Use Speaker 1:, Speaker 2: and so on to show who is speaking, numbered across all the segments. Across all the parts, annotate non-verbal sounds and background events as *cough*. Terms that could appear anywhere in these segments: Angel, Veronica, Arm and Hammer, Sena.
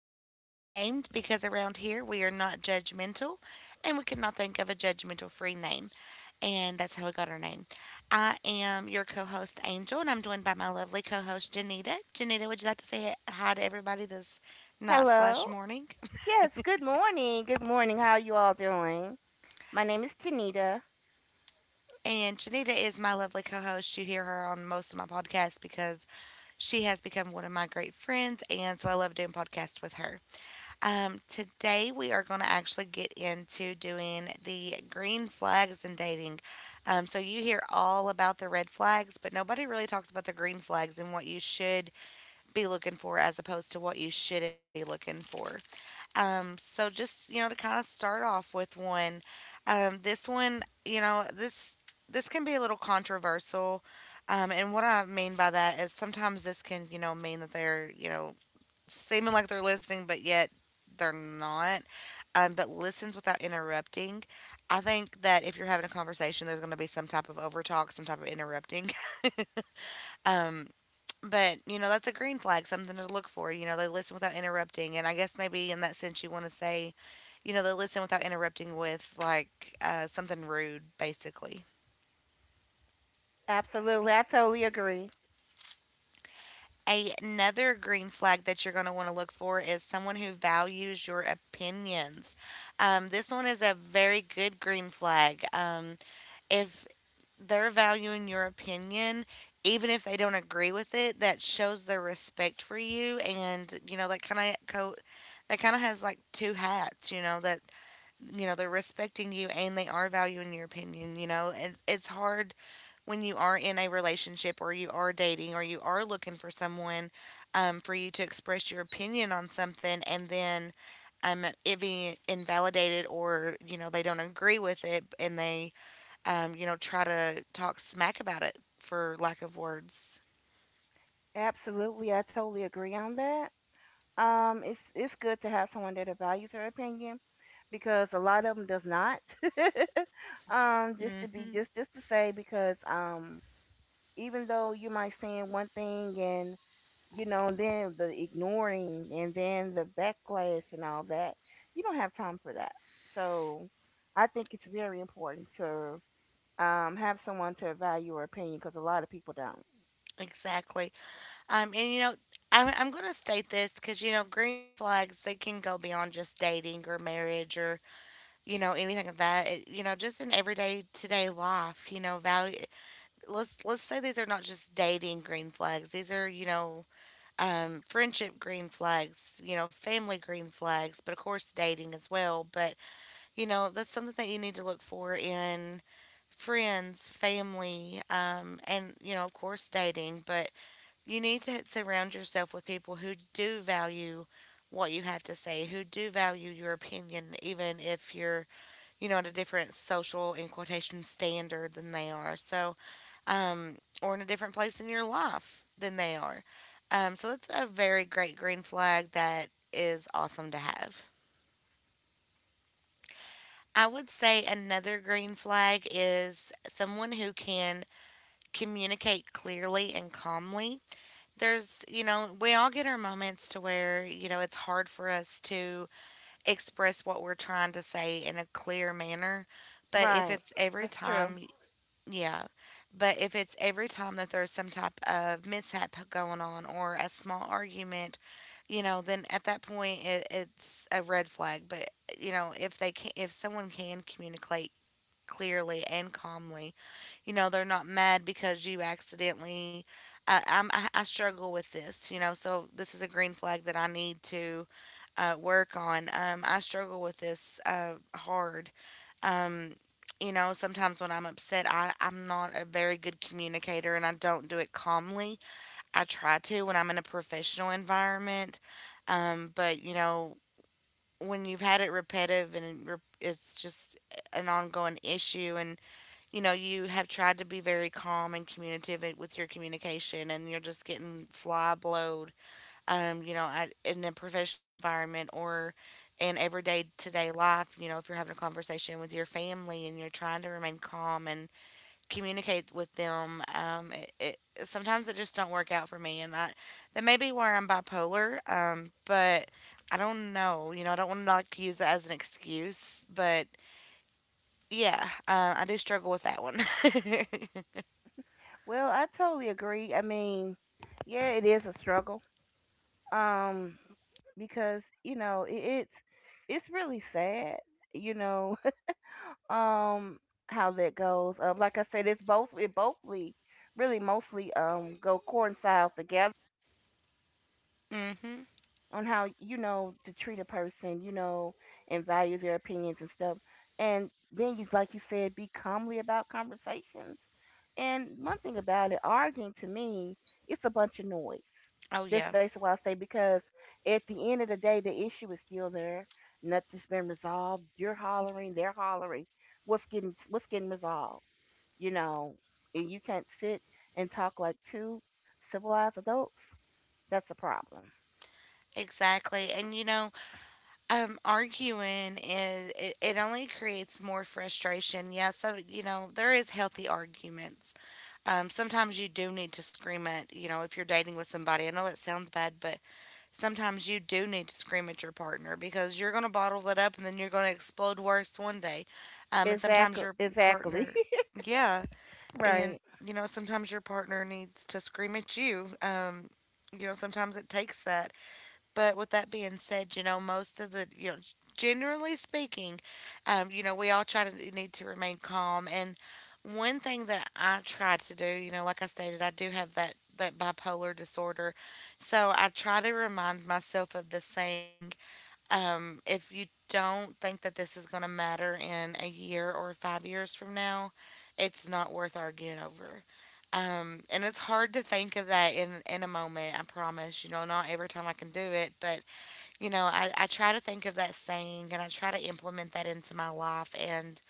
Speaker 1: We are unnamed because around here we are not judgmental and we could not think of a judgmental free name. And that's how we got our name. I am your co host, Angel, and I'm joined by my lovely co host, Janita. Janita, would you like to say hi to everybody this night slash
Speaker 2: Hello.
Speaker 1: morning? *laughs*
Speaker 2: Yes, good morning. Good morning. How you all doing? My name is Tanita.
Speaker 1: And Janita is my lovely co host. You hear her on most of my podcasts because she has become one of my great friends. And so I love doing podcasts with her. Today we are going to actually get into doing the green flags in dating. So you hear all about the red flags, but nobody really talks about the green flags and what you should be looking for as opposed to what you shouldn't be looking for. So just, you know, to kind of start off with one, this one, you know, this can be a little controversial. And what I mean by that is sometimes this can, you know, mean that they're, you know, seeming like they're listening, but yet they're not. But listens without interrupting. I think that if you're having a conversation, there's going to be some type of overtalk, some type of interrupting. *laughs* Um, but you know that's a green flag, something to look for. You know they listen without interrupting, and I guess maybe in that sense you want to say, you know they listen without interrupting with like something rude, basically.
Speaker 2: Absolutely. I totally agree.
Speaker 1: Another green flag that you're going to want to look for is someone who values your opinions. This one is a very good green flag. If they're valuing your opinion, even if they don't agree with it, that shows their respect for you, and you know that kind of that kind of has like two hats. You know that, you know, they're respecting you and they are valuing your opinion. You know, it's hard when you are in a relationship or you are dating or you are looking for someone, for you to express your opinion on something, and then it being invalidated, or you know they don't agree with it, and they, you know, try to talk smack about it for lack of words.
Speaker 2: Absolutely. I totally agree on that. It's good to have someone that values their opinion because a lot of them does not. *laughs* Just to be
Speaker 1: Hmm.
Speaker 2: just to say because Even though you might saying one thing and then the ignoring and then the backlash and all that. You don't have time for that. So I think it's very important to have someone to value your opinion because a lot of people don't.
Speaker 1: Exactly. And you know, I'm going to state this because, you know, green flags, they can go beyond just dating or marriage or, you know, anything of that. It, you know, just in everyday today life, you know, value. Let's say these are not just dating green flags. These are, you know, friendship green flags, you know, family green flags, but of course dating as well. But, you know, that's something that you need to look for in friends, family, and, you know, of course dating. But, you need to surround yourself with people who do value what you have to say, who do value your opinion, even if you're, you know, at a different social, in quotation, standard than they are. So, or in a different place in your life than they are. So that's a very great green flag that is awesome to have. I would say another green flag is someone who can communicate clearly and calmly. There's, you know, we all get our moments to where, you know, it's hard for us to express what we're trying to say in a clear manner. But if
Speaker 2: Right.
Speaker 1: it's every
Speaker 2: That's true.
Speaker 1: time, yeah. But if it's every time that there's some type of mishap going on or a small argument, you know, then at that point it's a red flag. But you know, if someone can communicate clearly and calmly, you know, they're not mad because you accidentally. I struggle with this, you know, so this is a green flag that I need to work on. I struggle with this hard. Um, you know, sometimes when I'm upset, I'm not a very good communicator and I don't do it calmly. I try to when I'm in a professional environment. But, you know, when you've had it repetitive it's just an ongoing issue, and you know, you have tried to be very calm and communicative with your communication, and you're just getting fly blowed, you know, in a professional environment or in everyday to day life. You know, if you're having a conversation with your family and you're trying to remain calm and communicate with them, it sometimes it just don't work out for me, that may be where I'm bipolar, but I don't know. You know, I don't want to like use that as an excuse, but yeah, I do struggle with that one. *laughs*
Speaker 2: Well, I totally agree. I mean, yeah, it is a struggle. Um, because you know, it's really sad. You know. um how that goes. Like I said, it's both it bothly really mostly go coincides together
Speaker 1: Mm-hmm.
Speaker 2: on how you know to treat a person, you know, and value their opinions and stuff. And then you like you said, be calmly about conversations. And one thing about it, arguing to me, it's a bunch of noise.
Speaker 1: Oh
Speaker 2: That's
Speaker 1: yeah,
Speaker 2: basically what I say because at the end of the day the issue is still there. Nothing's been resolved. You're hollering, they're hollering. What's getting resolved? You know, and you can't sit and talk like two civilized adults, that's a problem.
Speaker 1: exactly. And you know, arguing is, it only creates more frustration. Yeah, so you know there is healthy arguments. Sometimes you do need to scream at, you know, if you're dating with somebody. I know that sounds bad, but sometimes you do need to scream at your partner because you're gonna bottle it up and then you're gonna explode worse one day. And sometimes
Speaker 2: Exactly,
Speaker 1: your
Speaker 2: exactly.
Speaker 1: partner, yeah,
Speaker 2: *laughs*
Speaker 1: and
Speaker 2: Right.
Speaker 1: you know sometimes your partner needs to scream at you. You know sometimes it takes that. But with that being said, you know, most of the, you know, generally speaking, you know, we all try to need to remain calm. And one thing that I try to do, you know, like I stated, I do have that bipolar disorder, so I try to remind myself of the saying, if you don't think that this is going to matter in a year or 5 years from now, it's not worth arguing over. And it's hard to think of that in a moment, I promise. You know, not every time I can do it, but, you know, I try to think of that saying and I try to implement that into my life. And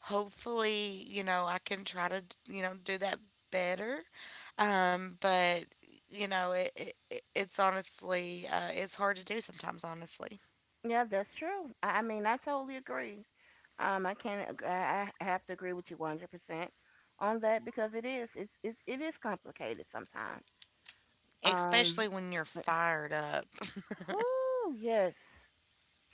Speaker 1: hopefully, you know, I can try to, you know, do that better. But, you know, it's honestly, it's hard to do sometimes, honestly.
Speaker 2: Yeah, that's true. I mean, I totally agree. I can't. I have to agree with you 100% on that because it is. It's. It's. It is complicated sometimes. Um.
Speaker 1: Especially when you're fired up.
Speaker 2: Whoo. Yes.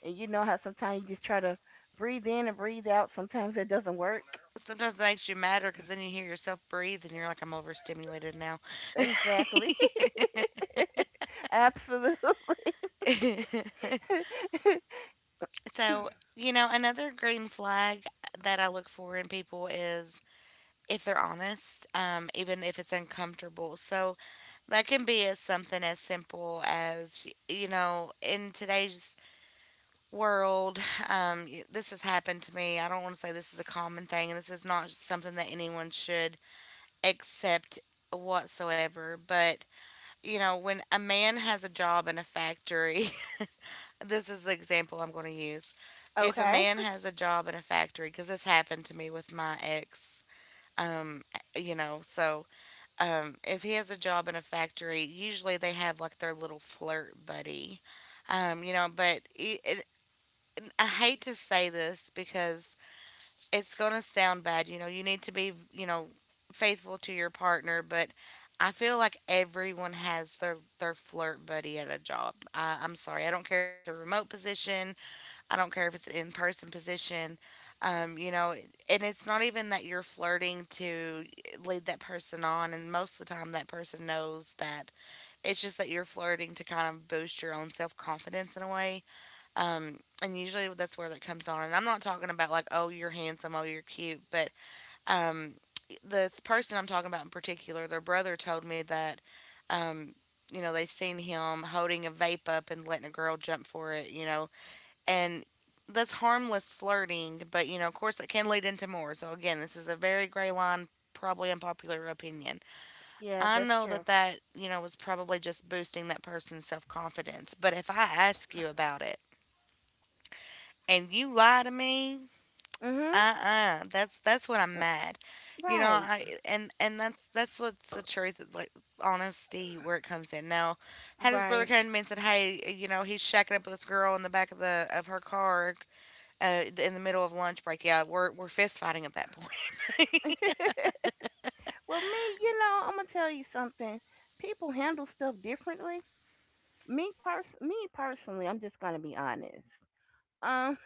Speaker 2: And you know how sometimes you just try to breathe in and breathe out. Sometimes it doesn't work.
Speaker 1: Sometimes it makes you madder because then you hear yourself breathe and you're like, I'm overstimulated now.
Speaker 2: Exactly. *laughs* Absolutely.
Speaker 1: *laughs*
Speaker 2: *laughs*
Speaker 1: So, you know, another green flag that I look for in people is if they're honest, even if it's uncomfortable. So that can be as something as simple as, you know, in today's world, *sighs* this has happened to me. I don't want to say this is a common thing, and this is not something that anyone should accept whatsoever. But, you know, when a man has a job in a factory, *laughs* this is the example I'm going to use. If a
Speaker 2: Okay.
Speaker 1: man has a job in a factory, because this happened to me with my ex, um, you know, so if he has a job in a factory, usually they have like their little flirt buddy. You know, but I hate to say this because it's going to sound bad. You know, you need to be, you know, faithful to your partner, but I feel like everyone has their flirt buddy at a job. I'm sorry. I don't care if it's a remote position. I don't care if it's an in-person position. You know, and it's not even that you're flirting to lead that person on, and most of the time that person knows that. It's just that you're flirting to kind of boost your own self-confidence in a way. And usually that's where that comes on. And I'm not talking about like, oh, you're handsome, oh, you're cute, but um, this person I'm talking about in particular, their brother told me that, um, you know, they seen him holding a vape up and letting a girl jump for it, you know, and that's harmless flirting, but you know, of course, it can lead into more. So again, this is a very gray line. Probably unpopular opinion.
Speaker 2: Yeah,
Speaker 1: I
Speaker 2: that's
Speaker 1: know
Speaker 2: true.
Speaker 1: that you know, was probably just boosting that person's self confidence. But if I ask you about it, and you lie to me,
Speaker 2: Mhm.
Speaker 1: uh-uh. That's when I'm
Speaker 2: Uh,
Speaker 1: mad. You know,
Speaker 2: Right.
Speaker 1: I and that's what's the truth, like honesty where it comes in. Now, had his brother
Speaker 2: Right.
Speaker 1: come to me and said, "Hey, you know, he's shacking up with this girl in the back of her car." In the middle of lunch break, yeah, we're fist fighting at that point. *laughs*
Speaker 2: *laughs* Well, me, you know, I'm gonna tell you something. People handle stuff differently. Me personally, I'm just gonna be honest. Um,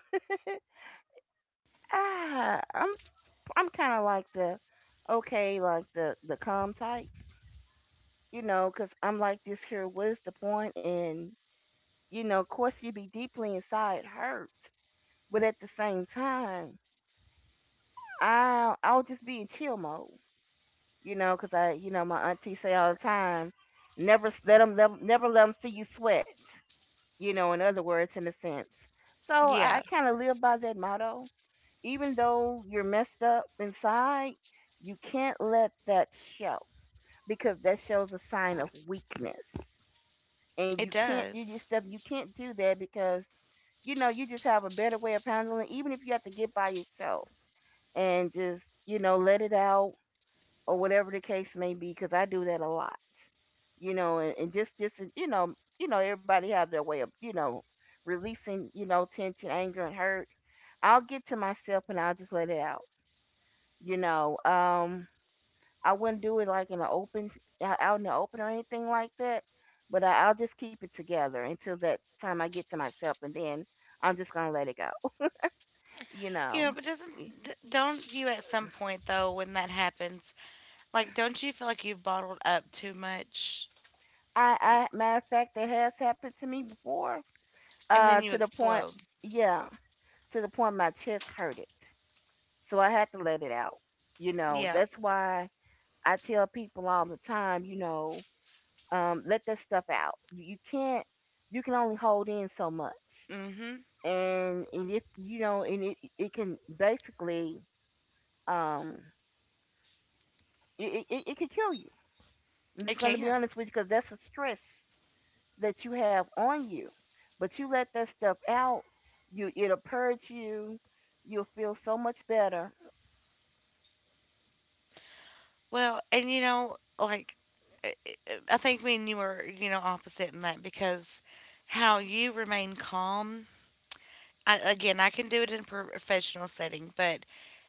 Speaker 2: ah, I'm I'm kind of like the okay, like the calm type, you know, 'cause I'm like this here. What is the point in? You know, of course, you'd be deeply inside hurt, but at the same time, I'll just be in chill mode. You know, 'cause I, you know, my auntie say all the time, never s- let them, never let them see you sweat. You know, in other words, in a sense. So
Speaker 1: Yeah,
Speaker 2: I kind of live by that motto. Even though you're messed up inside, you can't let that show because that shows a sign of weakness. And
Speaker 1: it
Speaker 2: you can't do your
Speaker 1: does.
Speaker 2: stuff. You can't do that because you know you just have a better way of handling. Even if you have to get by yourself and just you know let it out or whatever the case may be, because I do that a lot. You know, and just you know everybody have their way of releasing tension, anger, and hurt. I'll get to myself and I'll just let it out. You know. I wouldn't do it like in the open out in the open or anything like that. But I, I'll just keep it together until that time I get to myself, and then I'm just gonna let it go. You
Speaker 1: You know,
Speaker 2: know,
Speaker 1: but doesn't don't you at some point, though, when that happens, like, don't you feel like you've bottled up too much
Speaker 2: I matter of fact, that has happened to me before.
Speaker 1: and
Speaker 2: Uh,
Speaker 1: then you
Speaker 2: to the point,
Speaker 1: explode?
Speaker 2: yeah, to the point my chest hurted, so I had to let it out. You know,
Speaker 1: Yeah.
Speaker 2: that's why I tell people all the time, you know, let that stuff out. You can't, you can only hold in so much.
Speaker 1: Mm-hmm.
Speaker 2: And if you know and it can basically um it can kill you. I'm
Speaker 1: It
Speaker 2: just going to be
Speaker 1: can.
Speaker 2: honest with you because that's a stress that you have on you. But you let that stuff out, you it'll purge you, you'll feel so much better.
Speaker 1: Well, and, you know, like, I think me and you are, you know, opposite in that, because how you remain calm. I, again, I can do it in a professional setting, but,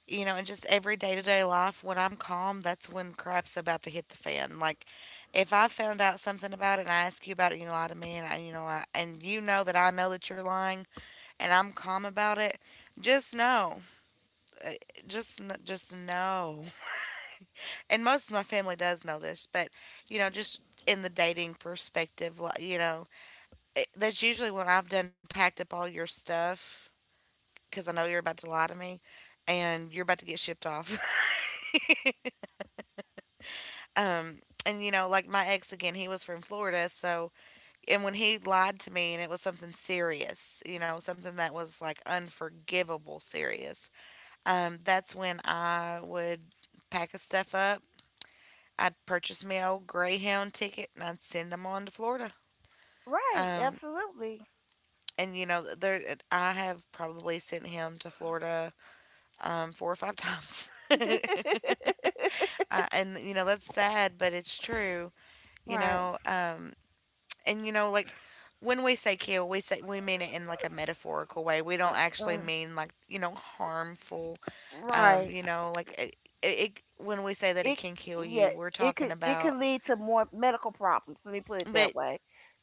Speaker 1: you know, in just every day to day life, when I'm calm, that's when crap's about to hit the fan. Like, if I found out something about it and I ask you about it and you lie to me and I, you know, I, and you know that I know that you're lying and I'm calm about it, just know, uh, just, just know. And most of my family does know this, but, you know, just in the dating perspective, like, you know, it, that's usually when I've done packed up all your stuff, because I know you're about to lie to me, and you're about to get shipped off. *laughs* um, and you know, like, my ex again, he was from Florida. So, and when he lied to me, and it was something serious, you know, something that was like unforgivable serious. That's when I would pack his stuff up. I'd purchase me a old Greyhound ticket and I'd send him on to Florida.
Speaker 2: Right,
Speaker 1: Um,
Speaker 2: absolutely.
Speaker 1: and you know, there I have probably sent him to Florida four or five *laughs* times. *laughs* And you know, that's sad, but it's true.
Speaker 2: *laughs*
Speaker 1: You
Speaker 2: Right.
Speaker 1: know, and you know, like, when we say kill, we mean it in like a metaphorical way. We don't actually
Speaker 2: Uh,
Speaker 1: mean, like, you know, harmful.
Speaker 2: right
Speaker 1: You know, like, it, when we say that it
Speaker 2: it
Speaker 1: can kill
Speaker 2: Yeah,
Speaker 1: you, we're
Speaker 2: it
Speaker 1: talking
Speaker 2: could, it could
Speaker 1: about.
Speaker 2: lead to more medical problems, let me put it
Speaker 1: But,
Speaker 2: that way.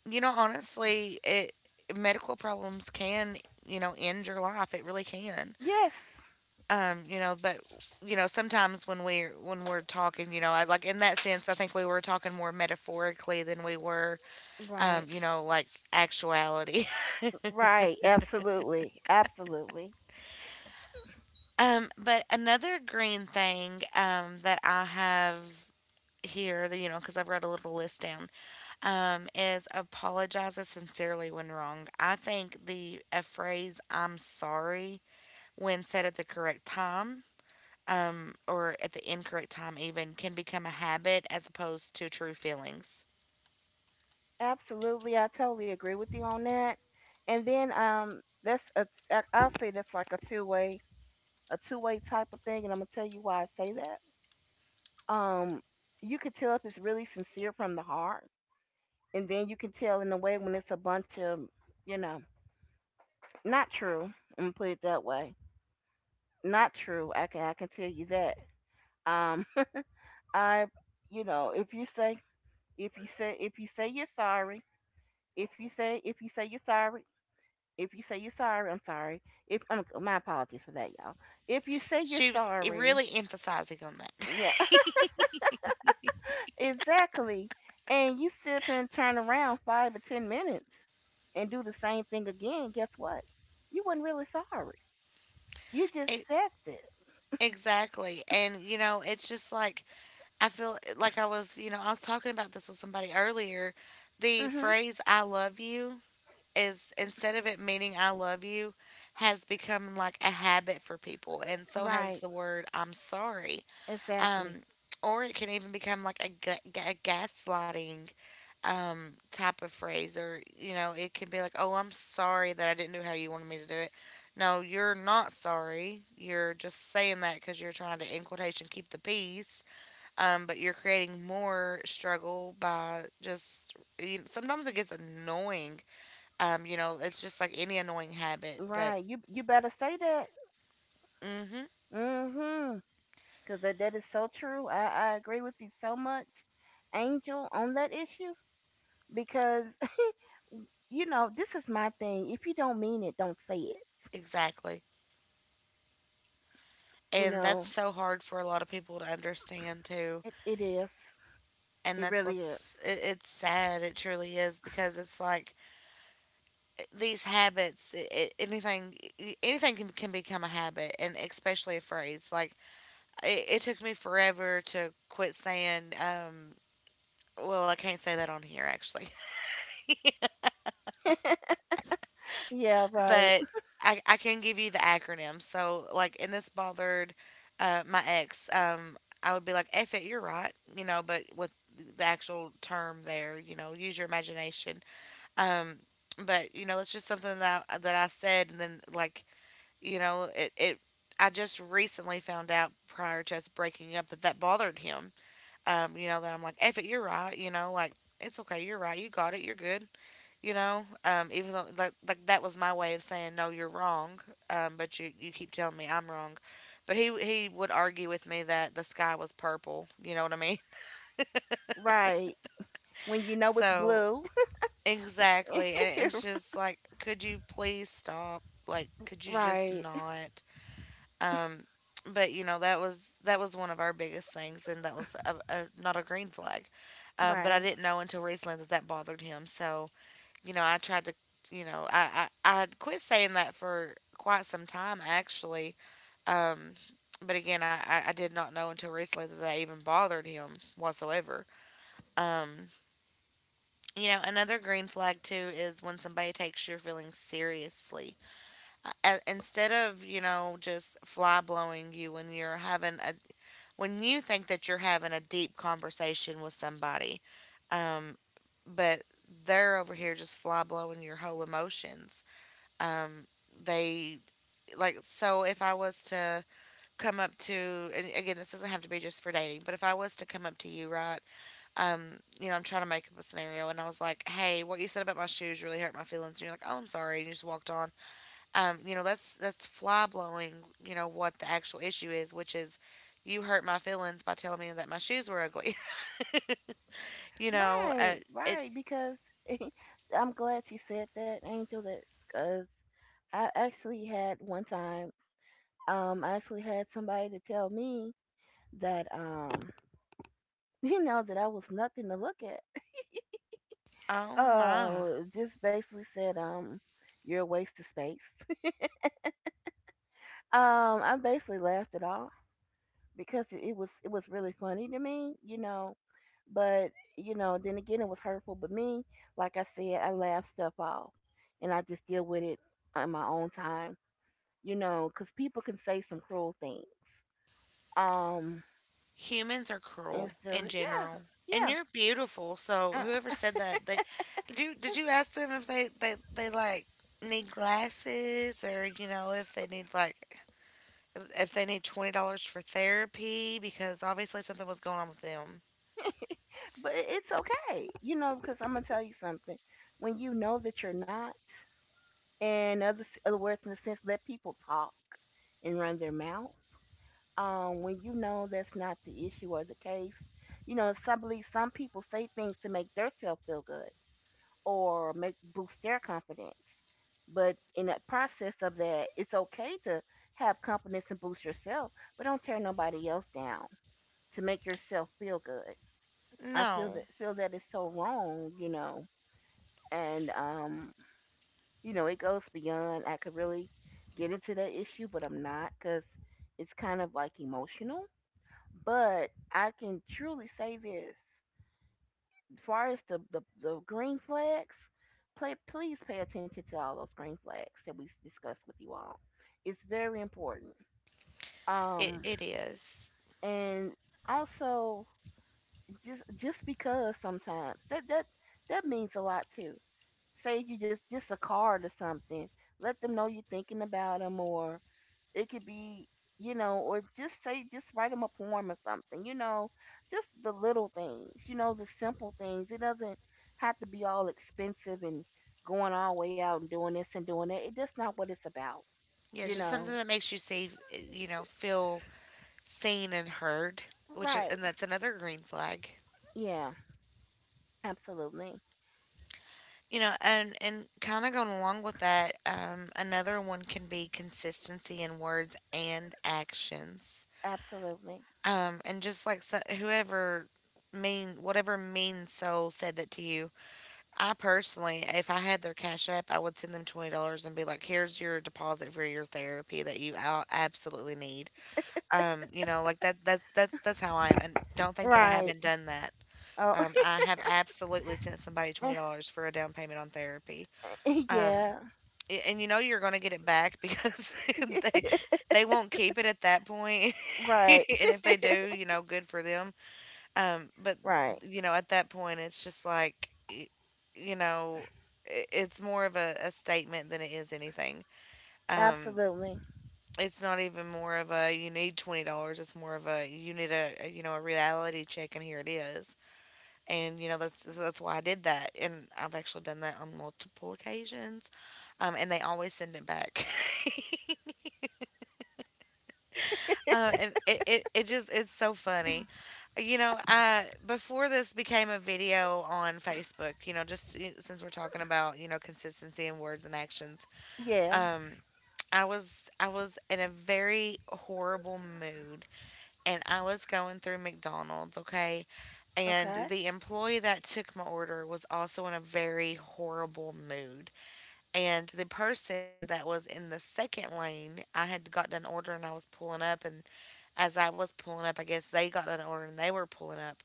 Speaker 1: you know, honestly, it medical problems can, you know, end your life. It really can.
Speaker 2: Yes.
Speaker 1: You know, but, you know, sometimes when we when we're talking, you know, I, like, in that sense, I think we were talking more metaphorically than we were,
Speaker 2: Right.
Speaker 1: you know, like, actuality.
Speaker 2: Right, absolutely. Absolutely.
Speaker 1: *laughs* But another green thing, that I have here, that, you know, because I've wrote a little list down, is apologizes sincerely when wrong. I think the a phrase "I'm sorry," when said at the correct time, or at the incorrect time, even, can become a habit as opposed to true feelings.
Speaker 2: Absolutely. I totally agree with you on that. And then that's a, I'll say that's like a two-way, a two-way type of thing and I'm going to tell you why I say that. Um you can tell if it's really sincere from the heart, and then you can tell in a way when it's a bunch of, you know, not true. I'm going to put it that way. Not true. I can tell you that. Um *laughs* I You know, if you say you're sorry. If you say you're sorry, if you say you're sorry, I'm sorry. If, my apologies for that, y'all. If you say you're
Speaker 1: She was
Speaker 2: sorry,
Speaker 1: really emphasizing on that. *laughs*
Speaker 2: yeah. *laughs* Exactly. And you sit up and turn around 5 or 10 minutes and do the same thing again. Guess what? You wasn't really sorry. You just
Speaker 1: E-
Speaker 2: said it.
Speaker 1: exactly. And, you know, it's just like, I feel, like, I was, you know, I was talking about this with somebody earlier. The
Speaker 2: Mhm.
Speaker 1: phrase "I love you" is, instead of it meaning "I love you," has become like a habit for people. And so has
Speaker 2: Right.
Speaker 1: the word "I'm sorry."
Speaker 2: Exactly.
Speaker 1: Um, or it can even become like a, gaslighting, type of phrase. Or, you know, it can be like, "Oh, I'm sorry that I didn't do how you wanted me to do it." No, you're not sorry, you're just saying that because you're trying to, in quotation, keep the peace. But you're creating more struggle by just, you know, sometimes it gets annoying. You know, it's just like any annoying habit that—
Speaker 2: Right. You better say that.
Speaker 1: mm-hmm,
Speaker 2: Mhm. Cause that is so true. I agree with you so much, Angel, on that issue because, you know, this is my thing. If you don't mean it, don't say it.
Speaker 1: exactly,
Speaker 2: You
Speaker 1: and that's
Speaker 2: know,
Speaker 1: so hard for a lot of people to understand, too.
Speaker 2: it is.
Speaker 1: And
Speaker 2: It
Speaker 1: that's
Speaker 2: really is.
Speaker 1: what's, it's sad, it truly is, because it's like, these habits, I anything can become a habit. And especially a phrase like, it took me forever to quit saying, well, I can't say that on here, actually.
Speaker 2: *laughs* Yeah,
Speaker 1: *laughs*
Speaker 2: right.
Speaker 1: But I can give you the acronym, so, like, and this bothered, my ex, I would be like, "F it, you're right," you know, but with the actual term there, you know, use your imagination. um but you know that's just something that that I said, and then, like— you know, it I just recently found out prior to us breaking up that that bothered him. You know, that I'm like, "F it, you're right." You know, like, it's okay, you're right, you got it, you're good. You know, even though, like, that was my way of saying, "No, you're wrong." But you keep telling me I'm wrong. But he would argue with me that the sky was purple. You know what I mean? *laughs*
Speaker 2: Right. When you know it's
Speaker 1: So,
Speaker 2: blue.
Speaker 1: exactly. And it's
Speaker 2: *laughs*
Speaker 1: just like, could you please stop? Like, could you just
Speaker 2: Right.
Speaker 1: not? Um, but, you know, that was one of our biggest things, and that was not a green flag. But I
Speaker 2: Right.
Speaker 1: didn't know until recently that that bothered him. So, you know, I tried to, you know, I had quit saying that for quite some time, actually. Um, but again, I did not know until recently that that even bothered him whatsoever. Um, you know, another green flag, too, is when somebody takes your feelings seriously. Instead of, you know, just fly blowing you when you're having a— when you think that you're having a deep conversation with somebody, um, but they're over here just fly blowing your whole emotions. Um, they, like, so if I was to come up to— and again, this doesn't have to be just for dating— but if I was to come up to you, right? You know, I'm trying to make up a scenario, and I was like, "Hey, what you said about my shoes really hurt my feelings," and you're like, "Oh, I'm sorry," and you just walked on. You know, that's fly blowing, you know, what the actual issue is, which is, you hurt my feelings by telling me that my shoes were ugly. *laughs* You know,
Speaker 2: Right.
Speaker 1: it
Speaker 2: Right. Because *laughs* I'm glad you said that, Angel, that because I actually had one time, I actually had somebody to tell me that, *laughs* you know, that I was nothing to look at.
Speaker 1: oh my.
Speaker 2: Oh, just basically said, you're a waste of space. *laughs* Um, I basically laughed it off because it was really funny to me, you know. But you know, then again, it was hurtful. But me, like I said, I laugh stuff off, and I just deal with it on my own time, you know, because people can say some cruel things. Um,
Speaker 1: Humans are cruel
Speaker 2: it's
Speaker 1: in
Speaker 2: the Yeah,
Speaker 1: general. And
Speaker 2: yeah.
Speaker 1: you're beautiful, so
Speaker 2: Uh,
Speaker 1: whoever said that, they—
Speaker 2: yeah,
Speaker 1: did you ask them if they like need glasses, or, you know, if they need, like, if they need $20 dollars for therapy, because obviously something was going on with them.
Speaker 2: but it's okay, you know, because I'm gonna tell you something. When you know that you're not. And other, other words in the sense, let people talk and run their mouth. When you know that's not the issue or the case, you know some people say things to make themselves feel good or make boost their confidence. But in that process of that, it's okay to have confidence and boost yourself, but don't tear nobody else down to make yourself feel good. I feel
Speaker 1: No,
Speaker 2: that Feel that is so wrong, you know. And You know, it goes beyond. I could really get into that issue, but I'm not, because it's kind of like emotional. But I can truly say this: as far as the green flags, please pay attention to all those green flags that we discussed with you all. It's very important.
Speaker 1: it,
Speaker 2: Um,
Speaker 1: it is.
Speaker 2: and also just because sometimes that means a lot too. Say you, just a card or something, let them know you're thinking about them, or it could be, you know, or just say, just write them a poem or something, you know. Just the little things, you know, the simple things. It doesn't have to be all expensive and going all the way out and doing this and doing that, it, that's not what it's about.
Speaker 1: Yeah,
Speaker 2: You
Speaker 1: just something
Speaker 2: know.
Speaker 1: that makes you say, you know, feel seen and heard, which is—
Speaker 2: Right,
Speaker 1: and that's another green flag.
Speaker 2: yeah, absolutely,
Speaker 1: You know, and kind of going along with that, another one can be consistency in words and actions.
Speaker 2: absolutely.
Speaker 1: And just like, so, whoever mean whatever mean soul said that to you, I personally, if I had their Cash App, I would send them $20 and be like, "Here's your deposit for your therapy that you out absolutely need." You know, like that's how I am, and don't think that I
Speaker 2: Right.
Speaker 1: haven't done that.
Speaker 2: Oh.
Speaker 1: I have absolutely sent somebody twenty
Speaker 2: *laughs*
Speaker 1: dollars for a down payment on therapy. Um,
Speaker 2: Yeah.
Speaker 1: and you know you're going to get it back, because *laughs* they they won't keep it at that point. *laughs*
Speaker 2: Right,
Speaker 1: And if they do, you know, good for them. But,
Speaker 2: right,
Speaker 1: you know, at that point, it's just like, you know, it's more of a, statement than it is anything. Um,
Speaker 2: absolutely.
Speaker 1: it's not even more of a, you need $20. It's more of a, you need a, you know, a reality check, and here it is. And you know that's why I did that, and I've actually done that on multiple occasions, and they always send it back. *laughs* And it just is so funny. You know, I before this became a video on Facebook, you know, just since we're talking about, you know, consistency in words and actions,
Speaker 2: Yeah.
Speaker 1: um, I was in a very horrible mood, and I was going through McDonald's, okay? And
Speaker 2: Okay.
Speaker 1: the employee that took my order was also in a very horrible mood. And the person that was in the second lane, I had gotten an order and I was pulling up. And as I was pulling up, I guess they got an order and they were pulling up.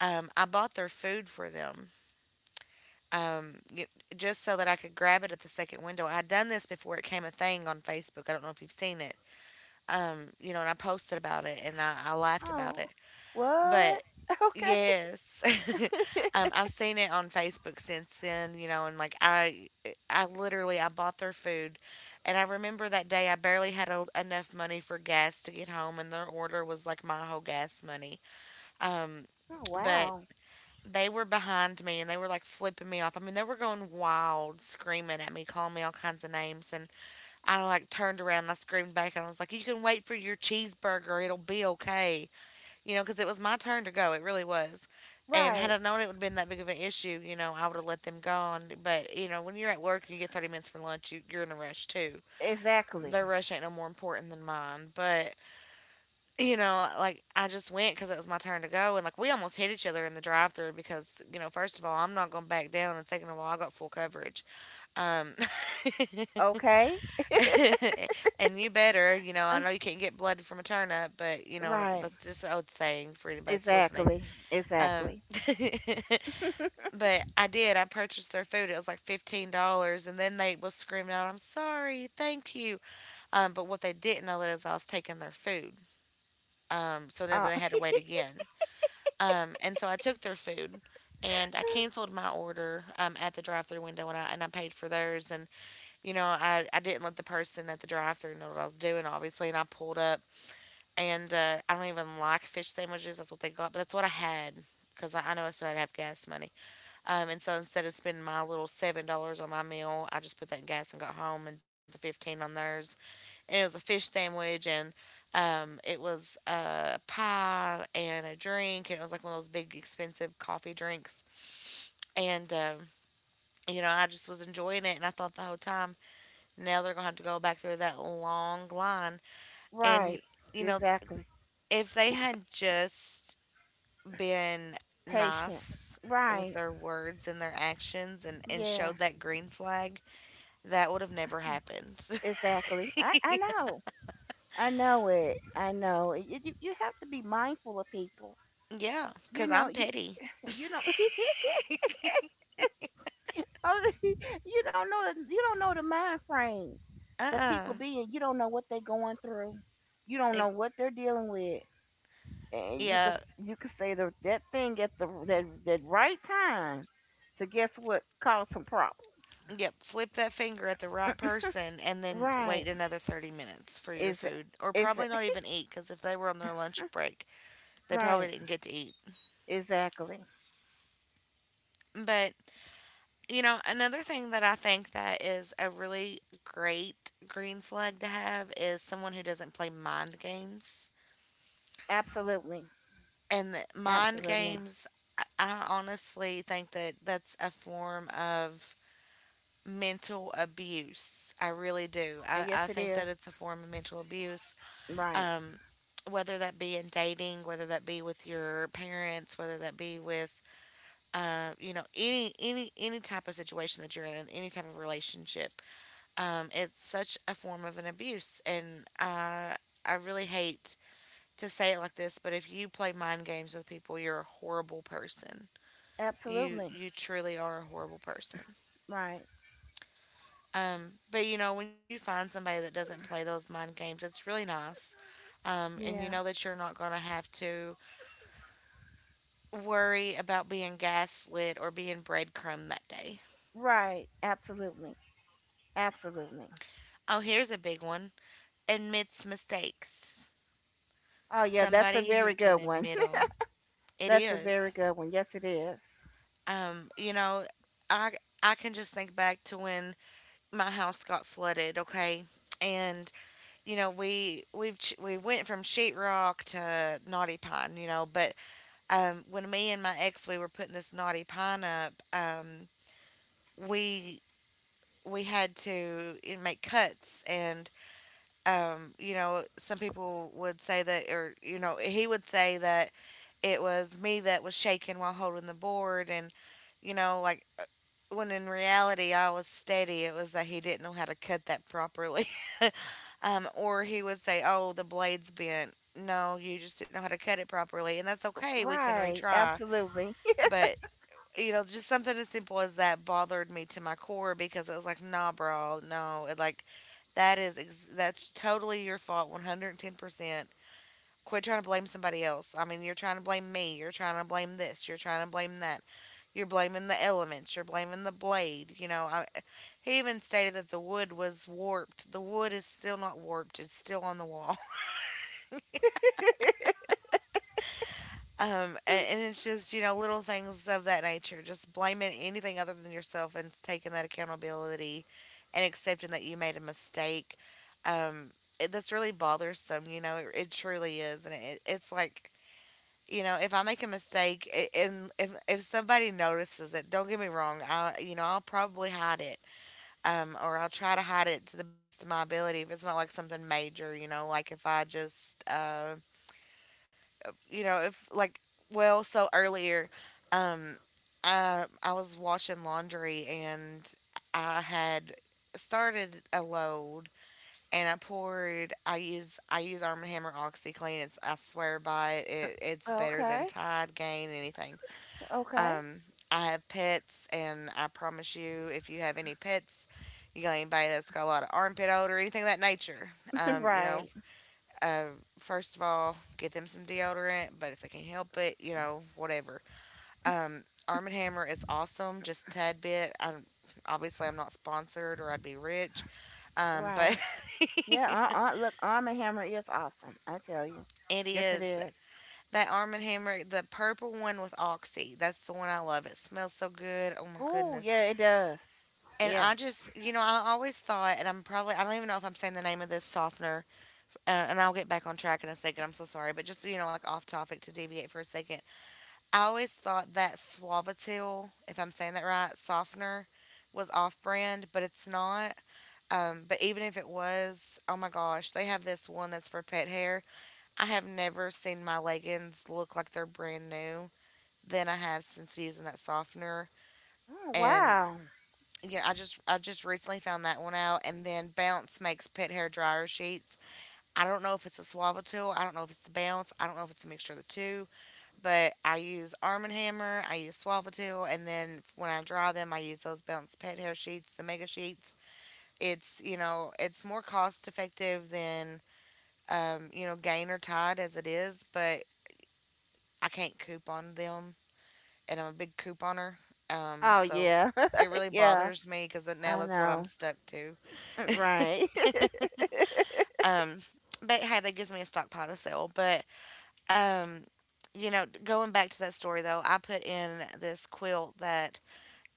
Speaker 1: I bought their food for them, um, just so that I could grab it at the second window. I'd done this before it came a thing on Facebook. I don't know if you've seen it. You know, and I posted about it, and I laughed about
Speaker 2: Oh.
Speaker 1: it. But—
Speaker 2: What? *laughs* Okay.
Speaker 1: yes. *laughs*
Speaker 2: *laughs*
Speaker 1: I've seen it on Facebook since then, you know, and like I literally I bought their food. And I remember that day I barely had enough money for gas to get home, and their order was like my whole gas money. Um,
Speaker 2: Oh,
Speaker 1: but
Speaker 2: wow.
Speaker 1: they were behind me and they were like flipping me off. I mean, they were going wild, screaming at me, calling me all kinds of names. And I, like, turned around and I screamed back and I was like, "You can wait for your cheeseburger." It'll be okay, you know, because it was my turn to go. It really was. And had
Speaker 2: Right.
Speaker 1: I known it would have been that big of an issue, you know, I would have let them go on. But, you know, when you're at work and you get 30 minutes for lunch, you're in a rush too.
Speaker 2: Exactly.
Speaker 1: Their rush ain't no more important than mine. But, you know, like I just went because it was my turn to go. And, like, we almost hit each other in the drive through because, you know, first of all, I'm not going to back down. And second of all, I got full coverage. Um, *laughs*
Speaker 2: Okay.
Speaker 1: and you better, you know, I
Speaker 2: Uh,
Speaker 1: know you can't get blood from a turnip, but, you know,
Speaker 2: right.
Speaker 1: that's just an old saying for anybody that's listening.
Speaker 2: Exactly.
Speaker 1: Um,
Speaker 2: Exactly.
Speaker 1: *laughs* but I did. I purchased their food. It was like $15, and then they was screaming out, "I'm sorry, thank you." But what they didn't know is I was taking their food. So then
Speaker 2: Uh,
Speaker 1: they had to wait again. And so I took their food, and I canceled my order at the drive-through window, and I paid for theirs. And you know, I didn't let the person at the drive-through know what I was doing, obviously. And I pulled up, and I don't even like fish sandwiches. That's what they got, but that's what I had because I know I still had to have gas money. And so instead of spending my little $7 on my meal, I just put that in gas and got home and spent the 15 on theirs. And it was a fish sandwich and it was a pie and a drink and it was like one of those big expensive coffee drinks. And you know, I just was enjoying it and I thought the whole time, now they're gonna have to go back through that long line.
Speaker 2: *laughs*
Speaker 1: And
Speaker 2: right.
Speaker 1: you know,
Speaker 2: Exactly.
Speaker 1: if they had just been
Speaker 2: Patient.
Speaker 1: nice with
Speaker 2: Right.
Speaker 1: their words and their actions and
Speaker 2: Yeah.
Speaker 1: showed that green flag that would have never happened. *laughs*
Speaker 2: Exactly. I know. I know it. I know it. You have to be mindful of people.
Speaker 1: Yeah,
Speaker 2: You
Speaker 1: because
Speaker 2: know,
Speaker 1: I'm
Speaker 2: you
Speaker 1: petty.
Speaker 2: you know. *laughs* Oh, *laughs* you don't know the, you don't know the mind frame.
Speaker 1: Uh
Speaker 2: That people
Speaker 1: uh
Speaker 2: being, you don't know what they going through, you don't know
Speaker 1: It.
Speaker 2: what they're dealing with. And you could,
Speaker 1: Yeah.
Speaker 2: you could say the, that thing at the that, that right time to guess what, cause some problems.
Speaker 1: Yep, flip that finger at the right person and then
Speaker 2: Right.
Speaker 1: wait another 30 minutes for your food. Or
Speaker 2: Is
Speaker 1: probably
Speaker 2: it
Speaker 1: not even eat because if they were on their lunch break, they probably
Speaker 2: *laughs* Right,
Speaker 1: didn't get to eat.
Speaker 2: exactly,
Speaker 1: But, you know, another thing that I think that is a really great green flag to have is someone who doesn't play mind games.
Speaker 2: absolutely,
Speaker 1: And the mind
Speaker 2: absolutely.
Speaker 1: games, I honestly think that that's a form of mental abuse. I really do. I,
Speaker 2: Yes
Speaker 1: I
Speaker 2: it
Speaker 1: think
Speaker 2: is.
Speaker 1: that it's a form of mental abuse.
Speaker 2: Right,
Speaker 1: Um, whether that be in dating, whether that be with your parents, whether that be with you know, any type of situation that you're in, any type of relationship, it's such a form of an abuse, and I really hate to say it like this, but if you play mind games with people, you're a horrible person. You
Speaker 2: absolutely.
Speaker 1: you truly are a horrible person.
Speaker 2: Right.
Speaker 1: But you know, when you find somebody that doesn't play those mind games, it's really nice. And you
Speaker 2: Yeah,
Speaker 1: know that you're not going to have to worry about being gaslit or being breadcrumbed that day.
Speaker 2: right, absolutely, absolutely.
Speaker 1: Oh, here's a big one, admits mistakes.
Speaker 2: Oh yeah, that's a
Speaker 1: Somebody who
Speaker 2: very
Speaker 1: can
Speaker 2: good one.
Speaker 1: admit them.
Speaker 2: *laughs*
Speaker 1: It
Speaker 2: That's a very
Speaker 1: is.
Speaker 2: good one, yes it is.
Speaker 1: You know, I, I can just think back to when my house got flooded, okay? And you know we went from sheetrock to naughty pine, you know. But when me and my ex we were putting this knotty pine up, we we had to, you know, make cuts and you know, some people would say that, or you know, he would say that it was me that was shaking while holding the board and you know like, when in reality I was steady, it was that he didn't know how to cut that properly. *laughs* Or he would say, oh, the blade's bent. No, you just didn't know how to cut it properly, and that's okay, we can
Speaker 2: Right.
Speaker 1: retry.
Speaker 2: Absolutely.
Speaker 1: But you know, just something as simple as that bothered me to my core because it was like, nah, bro, no, it like that's totally your fault, 110%. Quit trying to blame somebody else. I mean, you're trying to blame me. You're trying to blame this. You're trying to blame that. You're blaming the elements. You're blaming the blade. You know, he even stated that the wood was warped. The wood is still not warped. It's still on the wall. It's just, you know, little things of that nature. Just blaming anything other than yourself and taking that accountability and accepting that you made a mistake. Um, that's really bothersome, you know, it truly is. And it's like, you know, if I make a mistake and if somebody notices it, don't get me wrong, you know, I'll probably hide it. Or I'll try to hide it to the best of my ability if it's not like something major, you know, like if I just, you know, if like, well, so earlier, um, I was washing laundry and I had started a load and I poured. I use Arm & Hammer OxyClean. It's I swear by it. It's better than
Speaker 2: Okay.
Speaker 1: Tide, Gain, anything.
Speaker 2: Okay.
Speaker 1: Um, I have pets, and I promise you, if you have any pets, you got anybody that's got a lot of armpit odor, or anything of that nature,
Speaker 2: *laughs*
Speaker 1: you know,
Speaker 2: Right.
Speaker 1: uh, first of all, get them some deodorant, but if they can help it, you know, whatever. Arm & Hammer is awesome, just a tad bit. I am Obviously, I'm not sponsored or I'd be rich, but
Speaker 2: Right. Yeah.
Speaker 1: *laughs*
Speaker 2: Look, Arm and Hammer is awesome. I tell you.
Speaker 1: it
Speaker 2: Yes, it
Speaker 1: is.
Speaker 2: is.
Speaker 1: That Arm & Hammer, the purple one with Oxy, that's the one I love. It smells so good. Oh my
Speaker 2: Ooh, yeah,
Speaker 1: goodness.
Speaker 2: it does.
Speaker 1: And
Speaker 2: Yeah.
Speaker 1: I just, you know, I always thought, and I'm probably, I don't even know if I'm saying the name of this softener, and I'll get back on track in a second. I'm so sorry. But just, you know, like off topic, to deviate for a second, I always thought that Suavatel, if I'm saying that right, softener was off brand, but it's not. But even if it was, oh my gosh, they have this one that's for pet hair. I have never seen my leggings look like they're brand new than I have since using that softener.
Speaker 2: Oh,
Speaker 1: And
Speaker 2: wow.
Speaker 1: yeah, I just recently found that one out. And then Bounce makes pet hair dryer sheets. I don't know if it's a Suavatel. I don't know if it's the Bounce. I don't know if it's a mixture of the two, but I use Arm & Hammer, I use Swallowtail, and then when I dry them, I use those Bounce Pet Hair Sheets, the Mega Sheets. It's, you know, it's more cost effective than, you know, Gain or Tide as it is, but I can't coupon them, and I'm a big couponer,
Speaker 2: Oh,
Speaker 1: so
Speaker 2: yeah.
Speaker 1: it
Speaker 2: *laughs*
Speaker 1: really
Speaker 2: Yeah.
Speaker 1: bothers me because now
Speaker 2: I
Speaker 1: that's what I'm
Speaker 2: know.
Speaker 1: stuck to.
Speaker 2: Right.
Speaker 1: *laughs*
Speaker 2: *laughs*
Speaker 1: Um, but hey, that gives me a stockpile to sell. But um, you know, going back to that story though, I put in this quilt that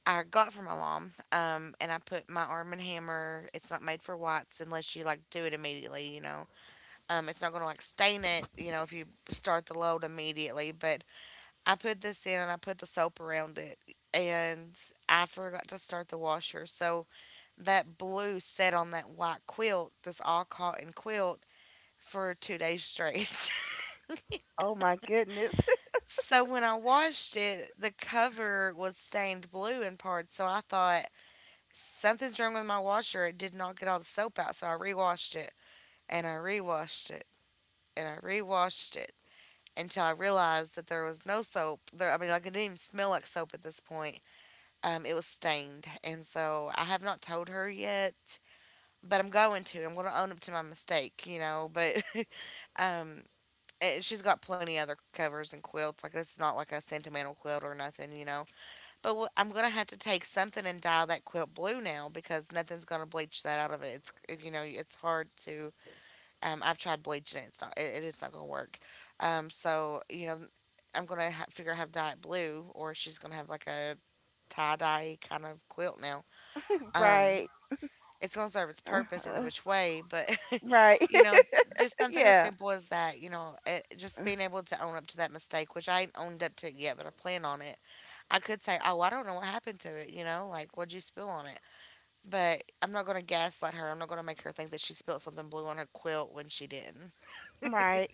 Speaker 1: I got from my mom, and I put my Arm and Hammer. It's not made for whites unless you like do it immediately. You know, it's not gonna like stain it. You know, if you start the load immediately. But I put this in and I put the soap around it, and I forgot to start the washer, so that blue set on that white quilt, this all cotton quilt, for 2 days straight.
Speaker 2: Oh my goodness.
Speaker 1: *laughs* So when I washed it, the cover was stained blue in parts. So I thought, something's wrong with my washer. It did not get all the soap out, so I rewashed it, and I rewashed it, and I rewashed it until I realized that there was no soap. I mean, like it didn't even smell like soap at this point. It was stained, and so I have not told her yet, but I'm going to. I'm going to own up to my mistake, you know. But *laughs* um, and she's got plenty of other covers and quilts. Like it's not like a sentimental quilt or nothing, you know. I'm gonna have to take something and dye that quilt blue now because nothing's gonna bleach that out of it. It's if, you know, it's hard to. I've tried bleaching it. It's not gonna work. So you know, figure out how to dye it blue, or she's gonna have like a tie dye kind of quilt now.
Speaker 2: *laughs*
Speaker 1: Um,
Speaker 2: Right.
Speaker 1: it's gonna serve its purpose either
Speaker 2: Uh,
Speaker 1: which way, but *laughs*
Speaker 2: right.
Speaker 1: you know, just
Speaker 2: *laughs*
Speaker 1: something as
Speaker 2: Yeah.
Speaker 1: simple as that. You know, just being able to own up to that mistake, which I ain't owned up to it yet, but I plan on it. I could say, oh, I don't know what happened to it, you know, like, what'd you spill on it? But I'm not going to gaslight her. I'm not going to make her think that she spilled something blue on her quilt when she didn't.
Speaker 2: Right.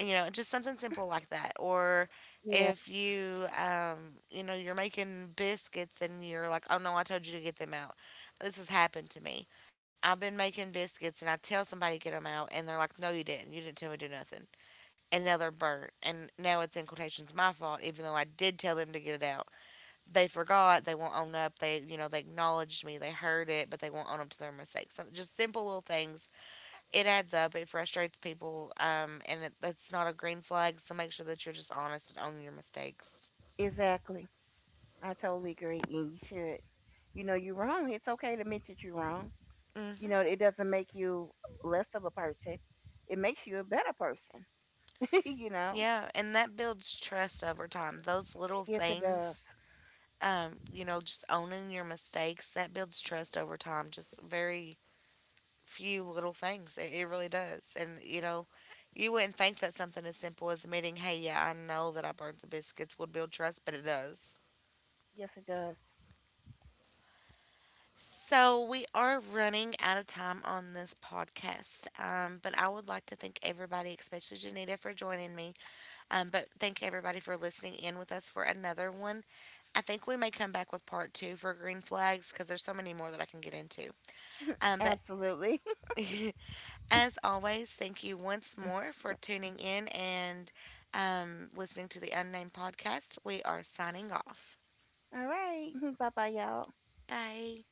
Speaker 1: You know, just something simple like that. Or
Speaker 2: Yeah.
Speaker 1: if you, you know, you're making biscuits and you're like, oh no, I told you to get them out. This has happened to me. I've been making biscuits and I tell somebody to get them out, and they're like, no, you didn't. You didn't tell me to do nothing. And now they're burnt. And now it's in quotations my fault, even though I did tell them to get it out. They forgot, they won't own up. They, you know, they acknowledged me, they heard it, but they won't own up to their mistakes. So just simple little things. It adds up. It frustrates people, and that's not a green flag. So make sure that you're just honest and own your mistakes.
Speaker 2: Exactly. I totally agree. And you should. You know, you're wrong. It's okay to admit that you're wrong. You know,
Speaker 1: Hmm.
Speaker 2: it doesn't make you less of a person. It makes you a better person. *laughs* You know?
Speaker 1: Yeah, and that builds trust over time. Those little
Speaker 2: Yes, it does.
Speaker 1: things, you know, just owning your mistakes, that builds trust over time. Just very few little things. It really does. And, you know, you wouldn't think that something as simple as admitting, hey, yeah, I know that I burnt the biscuits would build trust, but it does.
Speaker 2: Yes, it does.
Speaker 1: So we are running out of time on this podcast, but I would like to thank everybody, especially Janita, for joining me. But thank everybody for listening in with us for another one. I think we may come back with part two for green flags because there's so many more that I can get into. But
Speaker 2: Absolutely.
Speaker 1: *laughs* as always, thank you once more for tuning in and listening to the Unnamed Podcast. We are signing off.
Speaker 2: *laughs* All right. *laughs* Bye bye, y'all.
Speaker 1: Bye.